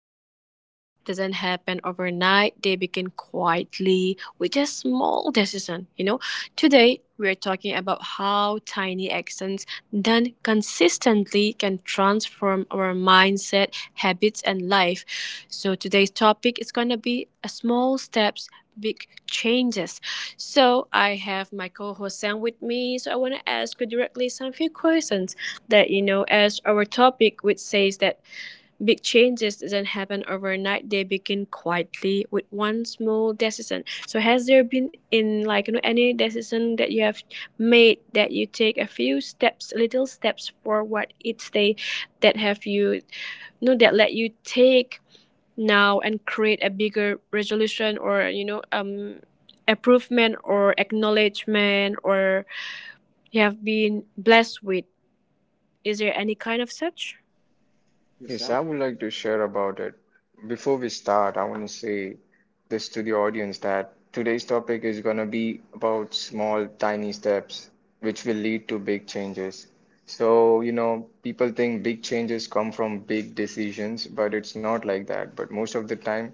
big changes doesn't happen overnight, they begin quietly with a small decision. Today we're talking about how tiny actions done consistently can transform our mindset habits, and life. So today's topic is going to be a small steps, big changes. So I have my co-host Sam with me. So I want to ask you directly some few questions that as our topic which says that big changes does not happen overnight. They begin quietly with one small decision. So has there been in like any decision that you have made that you take a few steps, little steps forward each day that have you, you know that let you take now and create a bigger resolution or improvement or acknowledgement or you have been blessed with, is there any kind of such Yes, I would like to share about it. Before we start, I want to say this to the audience that today's topic is going to be about small, tiny steps which will lead to big changes. So, you know, people think big changes come from big decisions, but it's not like that. But most of the time,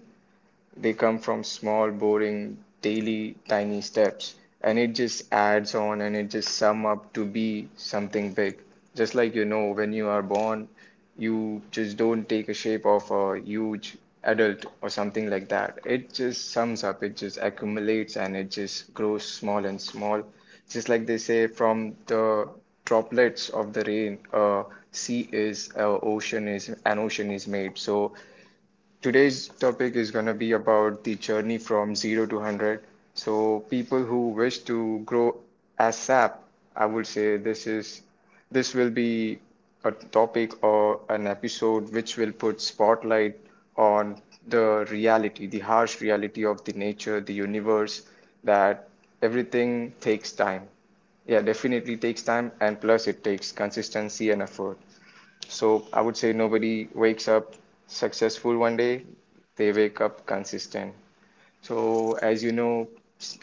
they come from small, boring, daily, tiny steps, and it just adds on and it just sum up to be something big. Just like you know, when you are born, you just don't take a shape of a huge adult or something like that. It just sums up, it just accumulates, and it just grows small and small. Just like they say, from the droplets of the rain, a sea is, a ocean is, an ocean is made. So today's topic is going to be about the journey from zero to 100. So, people who wish to grow ASAP, I would say this will be a topic or an episode which will put spotlight on the reality, the harsh reality of the nature, the universe, that everything takes time. Yeah, definitely takes time, and plus it takes consistency and effort. So I would say nobody wakes up successful one day, they wake up consistent. So, as you know,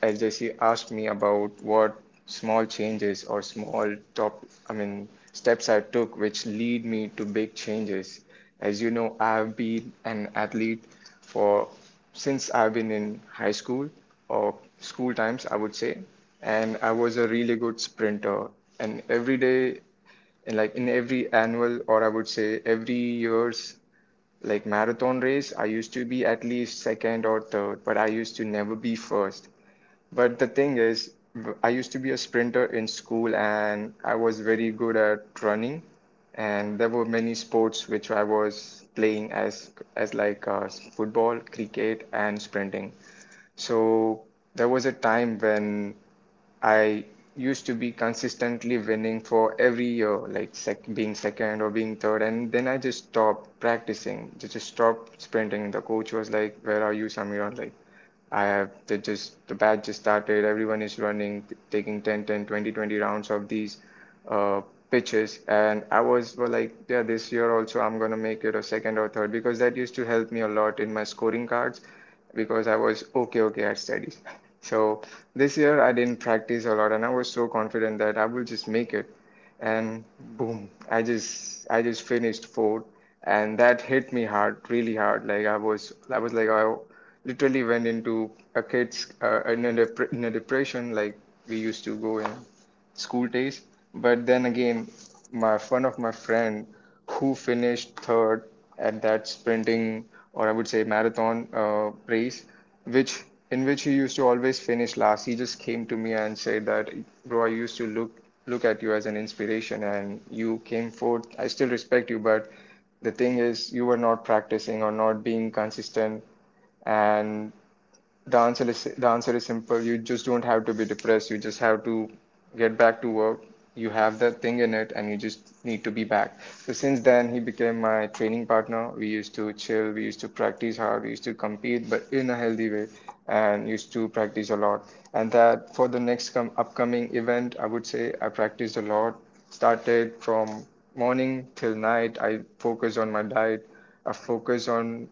as Jesse asked me about what small changes or small top, I mean, steps I took which lead me to big changes. As you know, I've been an athlete for since I've been in high school or school times, I would say, and I was a really good sprinter. And every day in like in every annual or I would say every year's like marathon race, I used to be at least second or third, but I used to never be first. But the thing is, I used to be a sprinter in school and I was very good at running. And there were many sports which I was playing as like football, cricket, and sprinting. So there was a time when I used to be consistently winning for every year, like sec being second or being third, and then I just stopped practicing, just stopped sprinting. The coach was like, "Where are you, Samiran?" Like, I have the just the batch just started. Everyone is running, taking 10, 10, 20, 20 rounds of these uh, pitches, and I was well, like, yeah, this year also I'm gonna make it a second or third' because that used to help me a lot in my scoring cards because I was okay, okay at studies. So this year I didn't practice a lot and I was so confident that I will just make it. And boom, I just finished fourth and that hit me hard, really hard. Like I was like I literally went into a kid's in a depression like we used to go in school days. But then again, my one of my friend who finished third at that sprinting or I would say marathon race, which in which he used to always finish last. He just came to me and said that, bro, I used to look at you as an inspiration, and you came fourth. I still respect you, but the thing is you were not practicing or not being consistent and the answer is simple. You just don't have to be depressed. You just have to get back to work. You have that thing in it, and you just need to be back. So since then, he became my training partner. We used to chill. We used to practice hard. We used to compete, but in a healthy way, and used to practice a lot. And that for the next upcoming event, I would say I practiced a lot. Started from morning till night. I focused on my diet. I focused on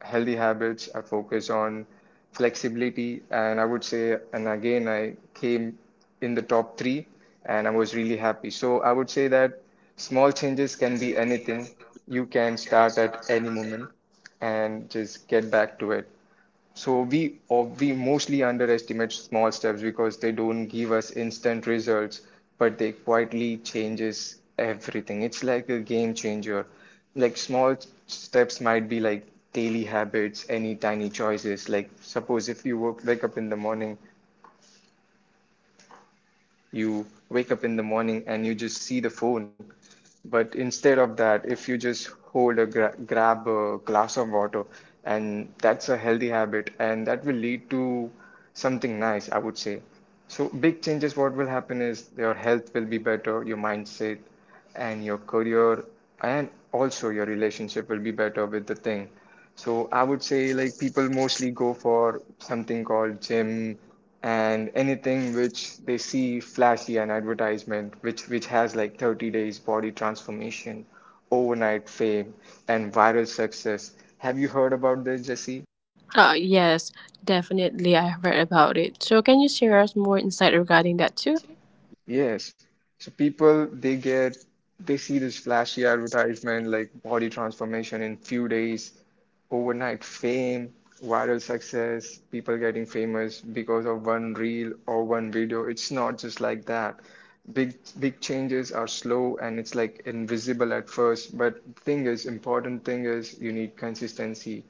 healthy habits. I focus on flexibility, and I would say, and again, I came in the top three, and I was really happy. So I would say that small changes can be anything. You can start at any moment and just get back to it. So we mostly underestimate small steps because they don't give us instant results, but they quietly changes everything. It's like a game changer. Like small steps might be like daily habits, any tiny choices. Like suppose if you wake up in the morning you wake up in the morning and you just see the phone. But instead of that, if you just hold a grab a glass of water, and that's a healthy habit, and that will lead to something nice, I would say. So big changes, what will happen is your health will be better, your mindset, and your career and also your relationship will be better with the thing. So I would say like people mostly go for something called gym and anything which they see flashy an advertisement which has like 30 days body transformation, overnight fame and viral success. Have you heard about this, Jesse? Yes, definitely. I have read about it. So, can you share us more insight regarding that too? Yes. So people they see this flashy advertisement like body transformation in few days overnight fame, viral success, people getting famous because of one reel or one video. It's not just like that. Big big changes are slow and it's like invisible at first, but thing is, important thing is you need consistency.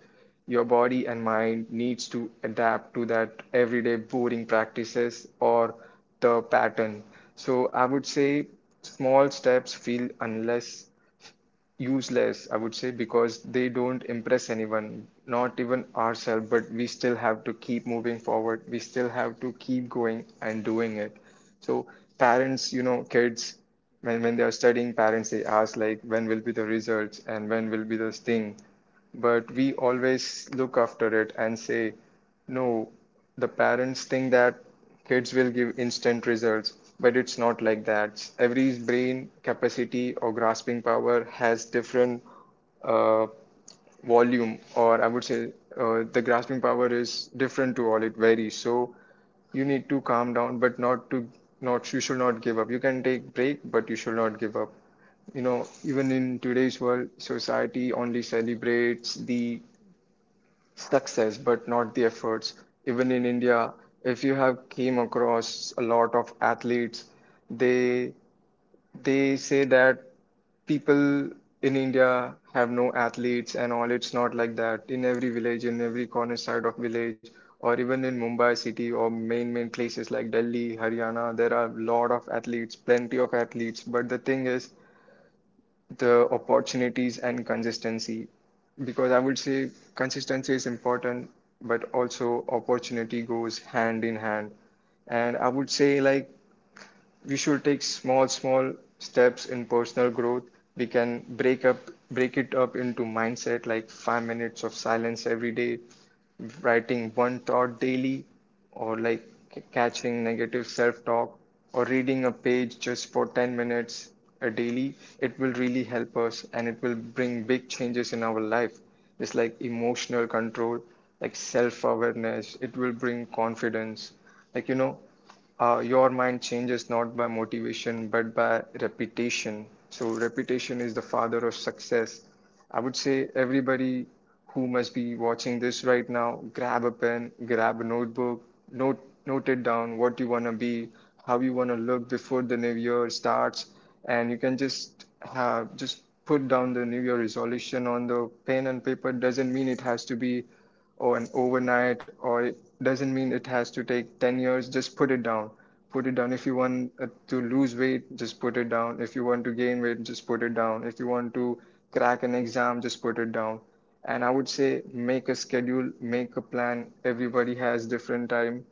Your body and mind needs to adapt to that everyday boring practices or the pattern. So I would say small steps feel unless useless, I would say, because they don't impress anyone, not even ourselves, but we still have to keep moving forward. We still have to keep going and doing it. So parents, you know, kids, when they are studying, parents they ask like, when will be the results and when will be this thing? But we always look after it and say, no, the parents think that kids will give instant results, but it's not like that. Every brain capacity or grasping power has different uh, volume, or I would say the grasping power is different to all. It varies. So you need to calm down, but not you should not give up. You can take break, but you should not give up. You know, even in today's world, society only celebrates the success, but not the efforts. Even in India, if you have came across a lot of athletes, they they say that people in India have no athletes and all. It's not like that. In every village, in every corner side of village, or even in Mumbai city or main main places like Delhi, Haryana, there are a lot of athletes, plenty of athletes. But the thing is the opportunities and consistency. Because I would say consistency is important, but also opportunity goes hand in hand. And I would say like we should take small, small steps in personal growth. We can break it up into mindset, like 5 minutes of silence every day, writing one thought daily or like catching negative self-talk or reading a page just for 10 minutes a daily. It will really help us and it will bring big changes in our life, just like emotional control, like self-awareness. It will bring confidence, like you know, your mind changes not by motivation but by repetition. So repetition is the father of success. I would say everybody who must be watching this right now, grab a pen, grab a notebook, note note it down what you wanna be, how you wanna look before the new year starts, and you can just put down the new year resolution on the pen and paper. Doesn't mean it has to be or an overnight or it doesn't mean it has to take 10 years. Just put it down, put it down if you want to lose weight, just put it down if you want to gain weight, just put it down if you want to crack an exam, just put it down. And I would say make a schedule, make a plan. Everybody has different time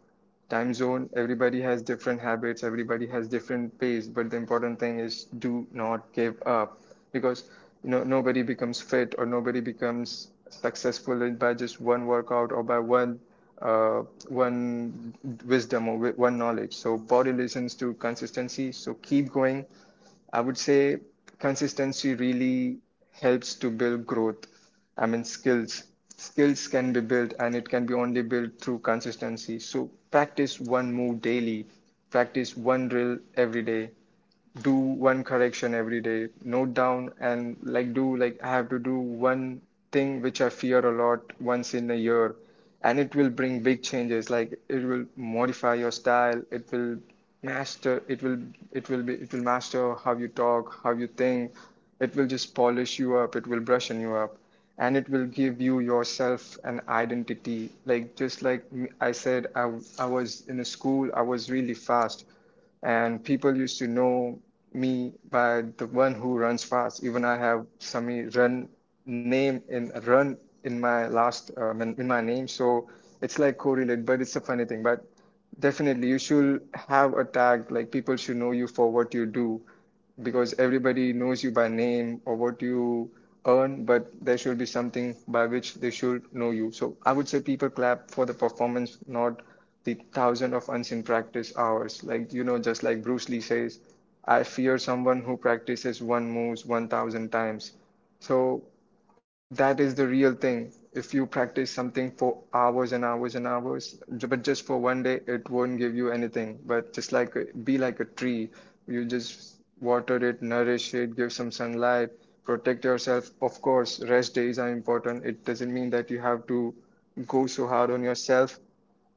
time zone, everybody has different habits, everybody has different pace, but the important thing is do not give up. Because you know nobody becomes fit or nobody becomes successful by just one workout or by uh, one wisdom or one knowledge. So body listens to consistency, so keep going. I would say consistency really helps to build growth. I mean, skills. Skills can be built and it can be only built through consistency. So practice one move daily, practice one drill every day, do one correction every day, note down and like do like I have to do one thing which I fear a lot once in a year, and it will bring big changes. Like it will modify your style, it will master, it will master how you talk, how you think. It will just polish you up, it will brushen you up, and it will give you yourself an identity. Like just like I said, I was in a school, I was really fast and people used to know me by the one who runs fast. Even I have Sami run name in run in my last in my name, so it's like correlated, but it's a funny thing. But definitely, you should have a tag. Like people should know you for what you do, because everybody knows you by name or what you earn, but there should be something by which they should know you. So I would say people clap for the performance, not the thousand of unseen practice hours. Just like Bruce Lee says, I fear someone who practices one moves 1,000 times. So that is the real thing. If you practice something for hours and hours and hours, but just for one day, it won't give you anything. But just like be like a tree, you just water it, nourish it, give some sunlight, protect yourself. Of course, rest days are important. It doesn't mean that you have to go so hard on yourself.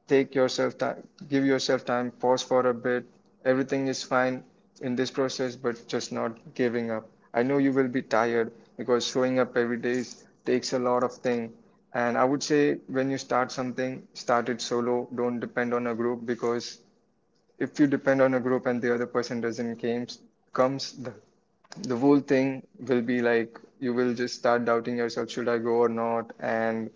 Take yourself time, give yourself time, pause for a bit. Everything is fine in this process, but just not giving up. I know you will be tired because showing up every day takes a lot of thing. And I would say when you start something, start it solo. Don't depend on a group because if you depend on a group and the other person doesn't comes, comes the whole thing will be like you will just start doubting yourself, should I go or not? And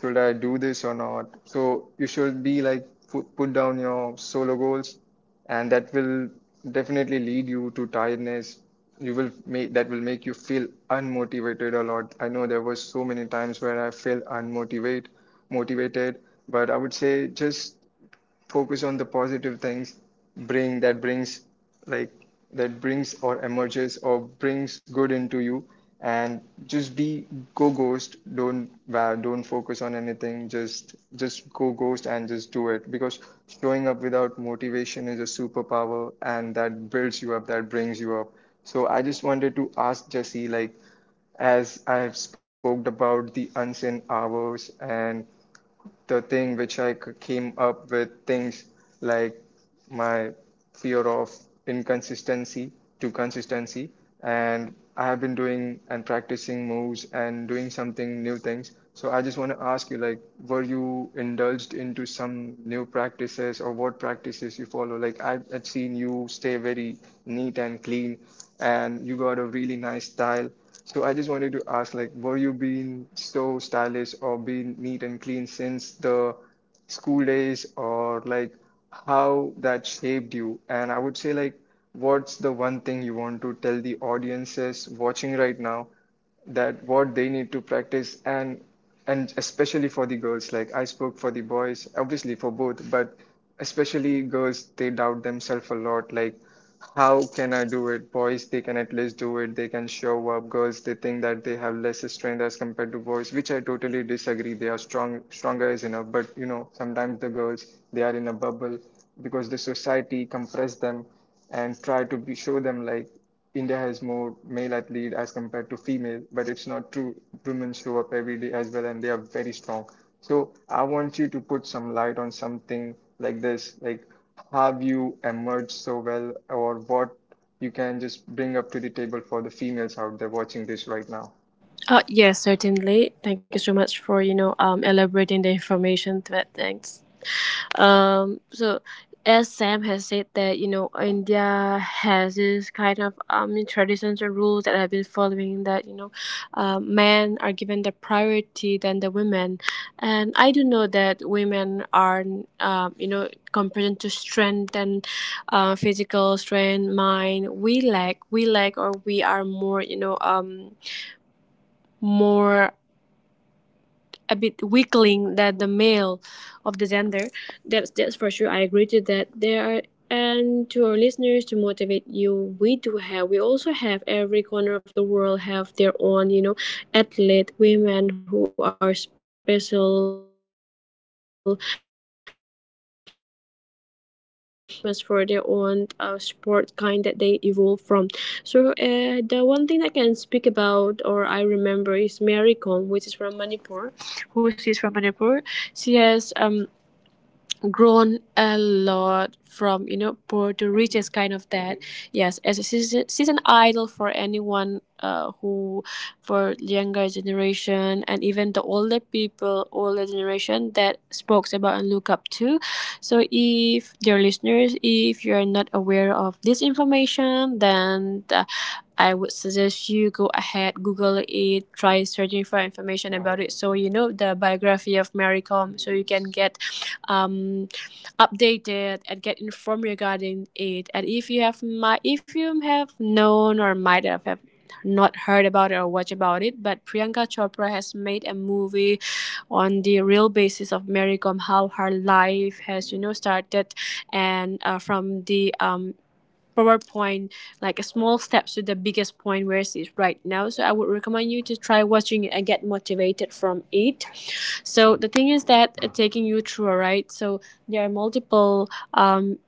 should I do this or not? So you should be like put, down your solo goals, and that will definitely lead you to tiredness. You will make that will make you feel unmotivated a lot. I know there were so many times where I felt unmotivated, motivated, but I would say just focus on the positive things bring that brings like that brings or emerges or brings good into you and just be go ghost don't wow, don't focus on anything just go ghost and just do it because showing up without motivation is a superpower and that builds you up that brings you up. So I just wanted to ask Jesse, like, as I have spoke about the unseen hours and the thing which I came up with things like my fear of inconsistency to consistency. And I have been doing and practicing moves and doing something new things. So I just want to ask you, like, were you indulged into some new practices or what practices you follow? Like, I've seen you stay very neat and clean, and you got a really nice style. So I just wanted to ask, like, were you being so stylish or being neat and clean since the school days, or like how that shaped you? And I would say, like, what's the one thing you want to tell the audiences watching right now that what they need to practice and especially for the girls, like I spoke for the boys obviously, for both, but especially girls, they doubt themselves a lot, like how can I do it? Boys, they can at least do it, they can show up. Girls, they think that they have less strength as compared to boys, which I totally disagree. They are strong, stronger is enough. But you know, sometimes the girls, they are in a bubble because the society compress them and try to be, show them like India has more male athlete as compared to female, but it's not true. Women show up every day as well, and they are very strong. So I want you to put some light on something like this, like have you emerged so well, or what you can just bring up to the table for the females out there watching this right now. Yes, certainly. Thank you so much for elaborating the information. Thanks. So as Sam has said that India has this kind of traditions and rules that I've been following that, men are given the priority than the women, and I do know that women are, compared to strength and physical strength mind, we lack or we are more you know more a bit weakling than the male of the gender. That's for sure. I agree to that. There are and to our listeners, to motivate you, we also have every corner of the world have their own, athlete women who are special and worship, or even get known famous for their own sport kind that they evolve from. So the one thing I can speak about or I remember is Mary Kom, which is from Manipur, who she's from Manipur. She has grown a lot from, poor to riches kind of that. Yes, as a season idol for anyone who, for younger generation and even the older generation, that spoke about and look up to. So, if dear listeners, if you're not aware of this information, then I would suggest you go ahead, Google it, try searching for information about it. So you know the biography of Mary Combe, so you can get um, updated and get informed regarding it. And if you have known or might have not heard about it or watched about it, but Priyanka Chopra has made a movie on the real basis of Mary Kom, how her life has started. And from the PowerPoint, like a small steps to the biggest point where it is right now. So I would recommend you to try watching it and get motivated from it. So the thing is that, taking you through, right? So there are multiple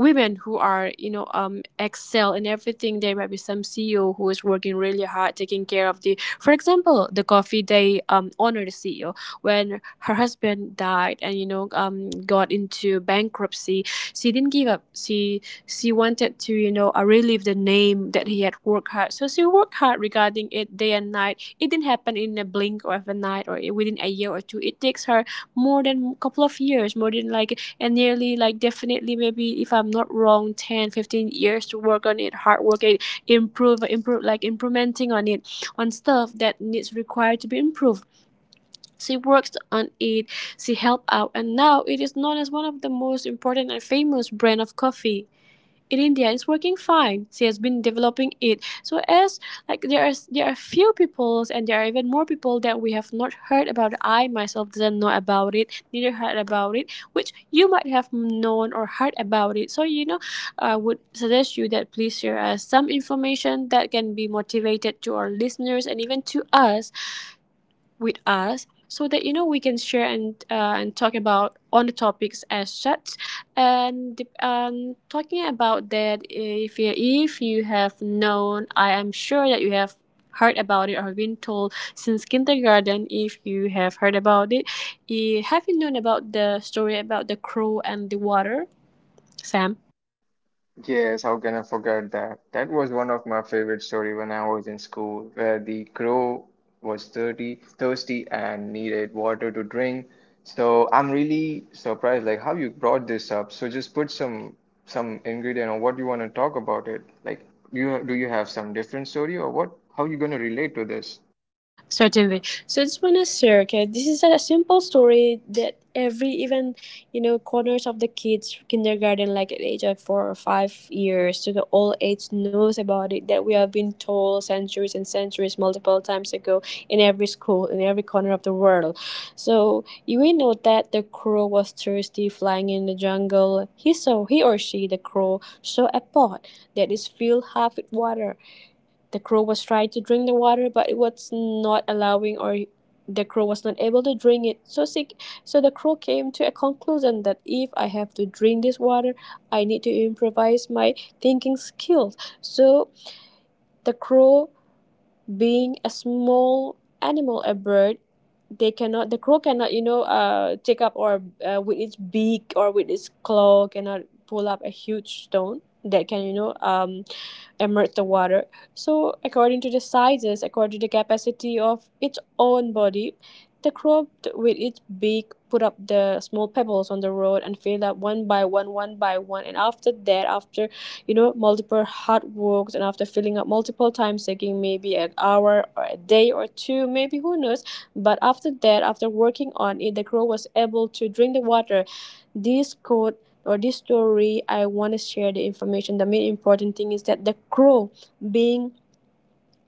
women who are excel in everything. There might be some ceo who is working really hard, taking care of the, for example, the coffee. They honor the ceo when her husband died and got into bankruptcy. She didn't give up. She wanted to, relive the name that he had worked hard, so she worked hard regarding it day and night. It didn't happen in a blink of a night or within a year or two. It takes her more than a couple of years, more than like, and nearly like, definitely, maybe, if I'm not wrong, 10, 15 years to work on it. Hard work it, improve, like implementing on it, on stuff that needs required to be improved. She worked on it, she helped out, and now it is known as one of the most important and famous brand of coffee in India. It's working fine. She has been developing it. So, as like, there are few peoples, and there are even more people that we have not heard about. I myself didn't know about it, neither heard about it, which you might have known or heard about it. So, I would suggest you that please share us some information that can be motivated to our listeners and even to us, with us, so that we can share, and and talk about on the topics as such. And talking about that, if you have known, I am sure that you have heard about it, or been told since kindergarten, if you have heard about it. Have you known about the story about the crow and the water, Sam? Yes, how can I forget that? That was one of my favorite story when I was in school, where the crow was dirty, thirsty and needed water to drink. So I'm really surprised, like how you brought this up. So just put some ingredient or what you want to talk about it. Like, you do you have some different story or what? How you gonna relate to this? Certainly. So I just want to share, okay, this is a simple story that every even corners of the kids kindergarten, like at age of 4 or 5 years to the old age, knows about it, that we have been told centuries and centuries multiple times ago, in every school, in every corner of the world. So you will know that the crow was thirsty, flying in the jungle. He saw he or she the crow saw a pot that is filled half with water. The crow was trying to drink the water, but it was not allowing, or the crow was not able to drink it. So the crow came to a conclusion that if I have to drink this water, I need to improvise my thinking skills. So the crow, being a small animal, a bird, they cannot. The crow cannot, take up or with its beak or with its claw, cannot pull up a huge stone that can, immerse the water. So, according to the sizes, according to the capacity of its own body, the crop, with its beak, put up the small pebbles on the road and filled up one by one, one by one. And after that, after multiple hard works, and after filling up multiple times, taking maybe an hour or a day or two, maybe who knows. But after that, after working on it, the crow was able to drink the water. This could or This story, I want to share the information. The main important thing is that the crow, being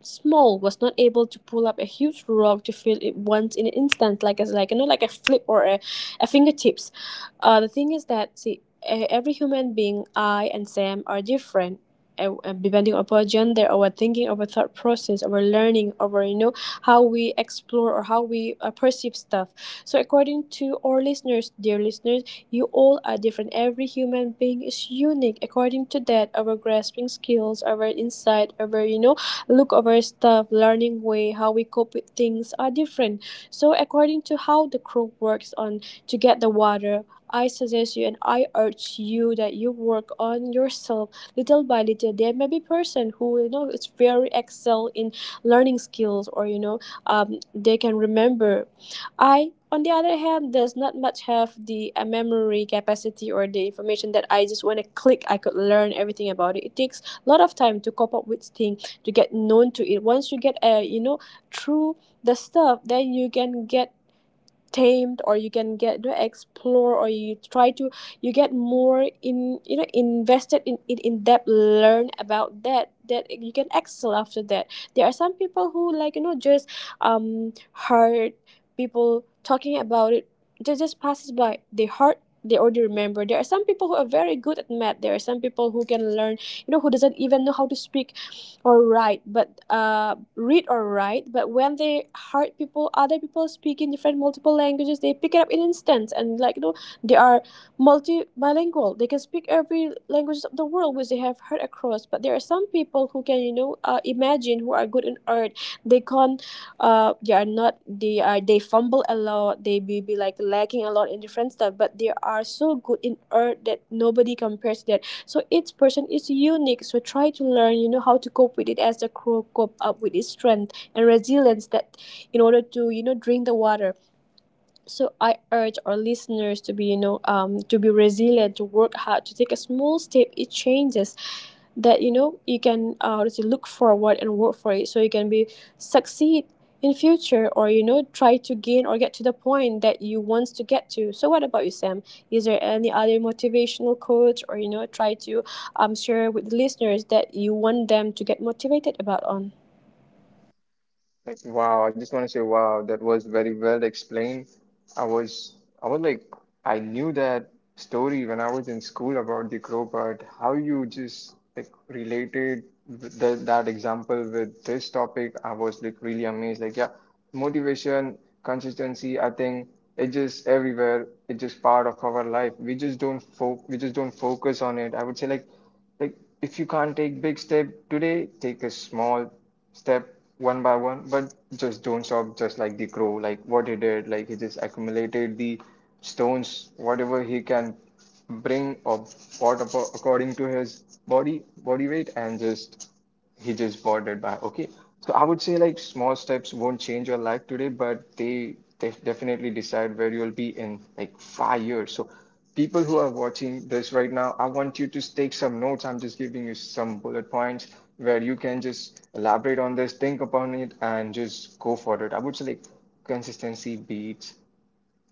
small, was not able to pull up a huge rock to feel it once in an instant, like, as like, like a flip or a fingertips. The thing is that, see, every human being, I and Sam are different. Depending on our gender, our thinking, our thought process, our learning, our, how we explore, or how we perceive stuff. So according to our listeners, dear listeners, you all are different. Every human being is unique. According to that, our grasping skills, our insight, our, look over stuff, learning way how we cope with things are different. So according to how the crew works on to get the water, I suggest you, and I urge you, that you work on yourself little by little. There may be person who, is very excel in learning skills, or, they can remember. I, on the other hand, does not much have the memory capacity or the information that I just want to click, I could learn everything about it. It takes a lot of time to cope up with things, to get known to it. Once you get a, through the stuff, then you can get tamed, or you can get to explore, or you try to, you get more in, invested in it, in depth, learn about that, that you can excel after that. There are some people who, like, just um heard people talking about it, just passes by. They heard, they already remember. There are some people who are very good at math. There are some people who can learn, who doesn't even know how to speak or write, but read or write, but when they heard people other people speaking different multiple languages, they pick it up in instance, and, like, they are multi bilingual. They can speak every languages of the world which they have heard across. But there are some people who can, imagine, who are good in art. They can't, they are not, they are, they fumble a lot. They be like lacking a lot in different stuff, but they are so good in art that nobody compares that. So each person is unique. So try to learn, how to cope with it, as the crow cope up with its strength and resilience, that in order to, drink the water. So I urge our listeners to be, to be resilient, to work hard, to take a small step. It changes that, you can, to look forward and work for it, so you can be succeed in future, or, try to gain or get to the point that you want to get to. So what about you, Sam? Is there any other motivational quote, or, try to share with the listeners that you want them to get motivated about on? Like, wow, I just want to say, wow, that was very well explained. I was, I was like, I knew that story when I was in school about the crow, but how you just like related with the, that example with this topic, I was like really amazed. Like, yeah, motivation, consistency, I think it just everywhere. It's just part of our life. We just don't fo we just don't focus on it. I would say like. Like, if you can't take big step today, take a small step one by one, but just don't stop just like the crow, like what he did, like he just accumulated the stones, whatever he can bring or what according to his body weight and just he just bought it back. Okay. So I would say like small steps won't change your life today, but they definitely decide where you'll be in like 5 years. So people who are watching this right now, I want you to take some notes. I'm just giving you some bullet points where you can just elaborate on this, think upon it, and just go for it. I would say like consistency beats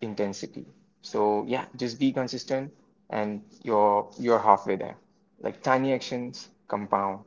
intensity. So yeah, just be consistent and you're halfway there. Like tiny actions compound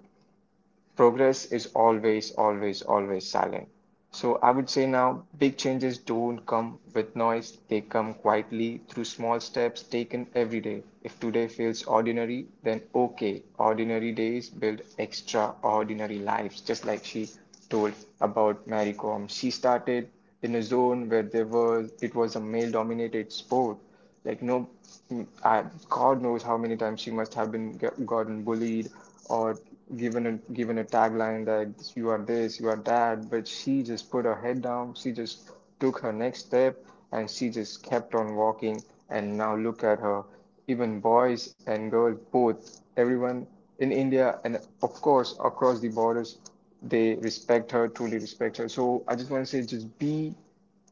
progress is always, always, always silent. So I would say now big changes don't come with noise, they come quietly through small steps taken every day. If today feels ordinary, then okay, ordinary days build extraordinary lives, just like she told about Mary Kom. She started in a zone where there was it was a male dominated sport, like, no, mm, I, God knows how many times she must have been gotten bullied or given a tagline that you are this, you are that. But she just put her head down. She just took her next step, and she just kept on walking. And now look at her. Even boys and girls, both, everyone in India, and of course across the borders, they respect her, truly respect her. So I just want to say, just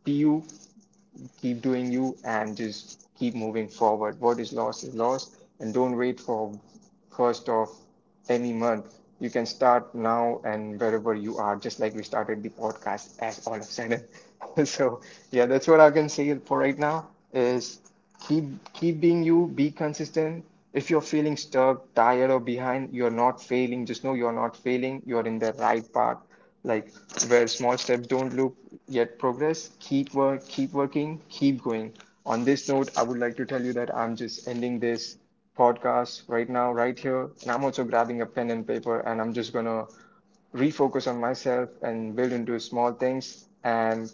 be you, keep doing you and just keep moving forward. What is lost, and don't wait for first of any month. You can start now and wherever you are, just like we started the podcast as all of a sudden. So yeah, that's what I can say for right now is keep being you, be consistent. If you're feeling stuck, tired or behind, you're not failing. Just know you're not failing, you're in the right path. Like where small steps don't look yet progress, keep working, keep going. On this note, I would like to tell you that I'm just ending this podcast right now, right here, and I'm also grabbing a pen and paper, and I'm just gonna refocus on myself and build into small things, and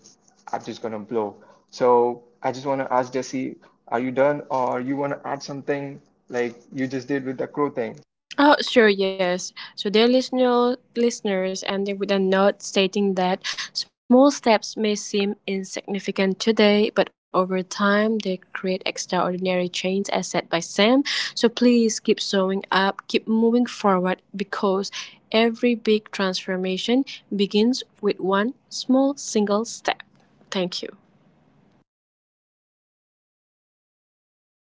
I'm just gonna blow. So I just wanna ask Jesse, are you done or you wanna add something like you just did with the crow thing? Oh, sure, yes. So, dear listeners, ending with a note stating that small steps may seem insignificant today, but over time they create extraordinary change, as said by Sam. So, please keep showing up, keep moving forward, because every big transformation begins with one small single step. Thank you.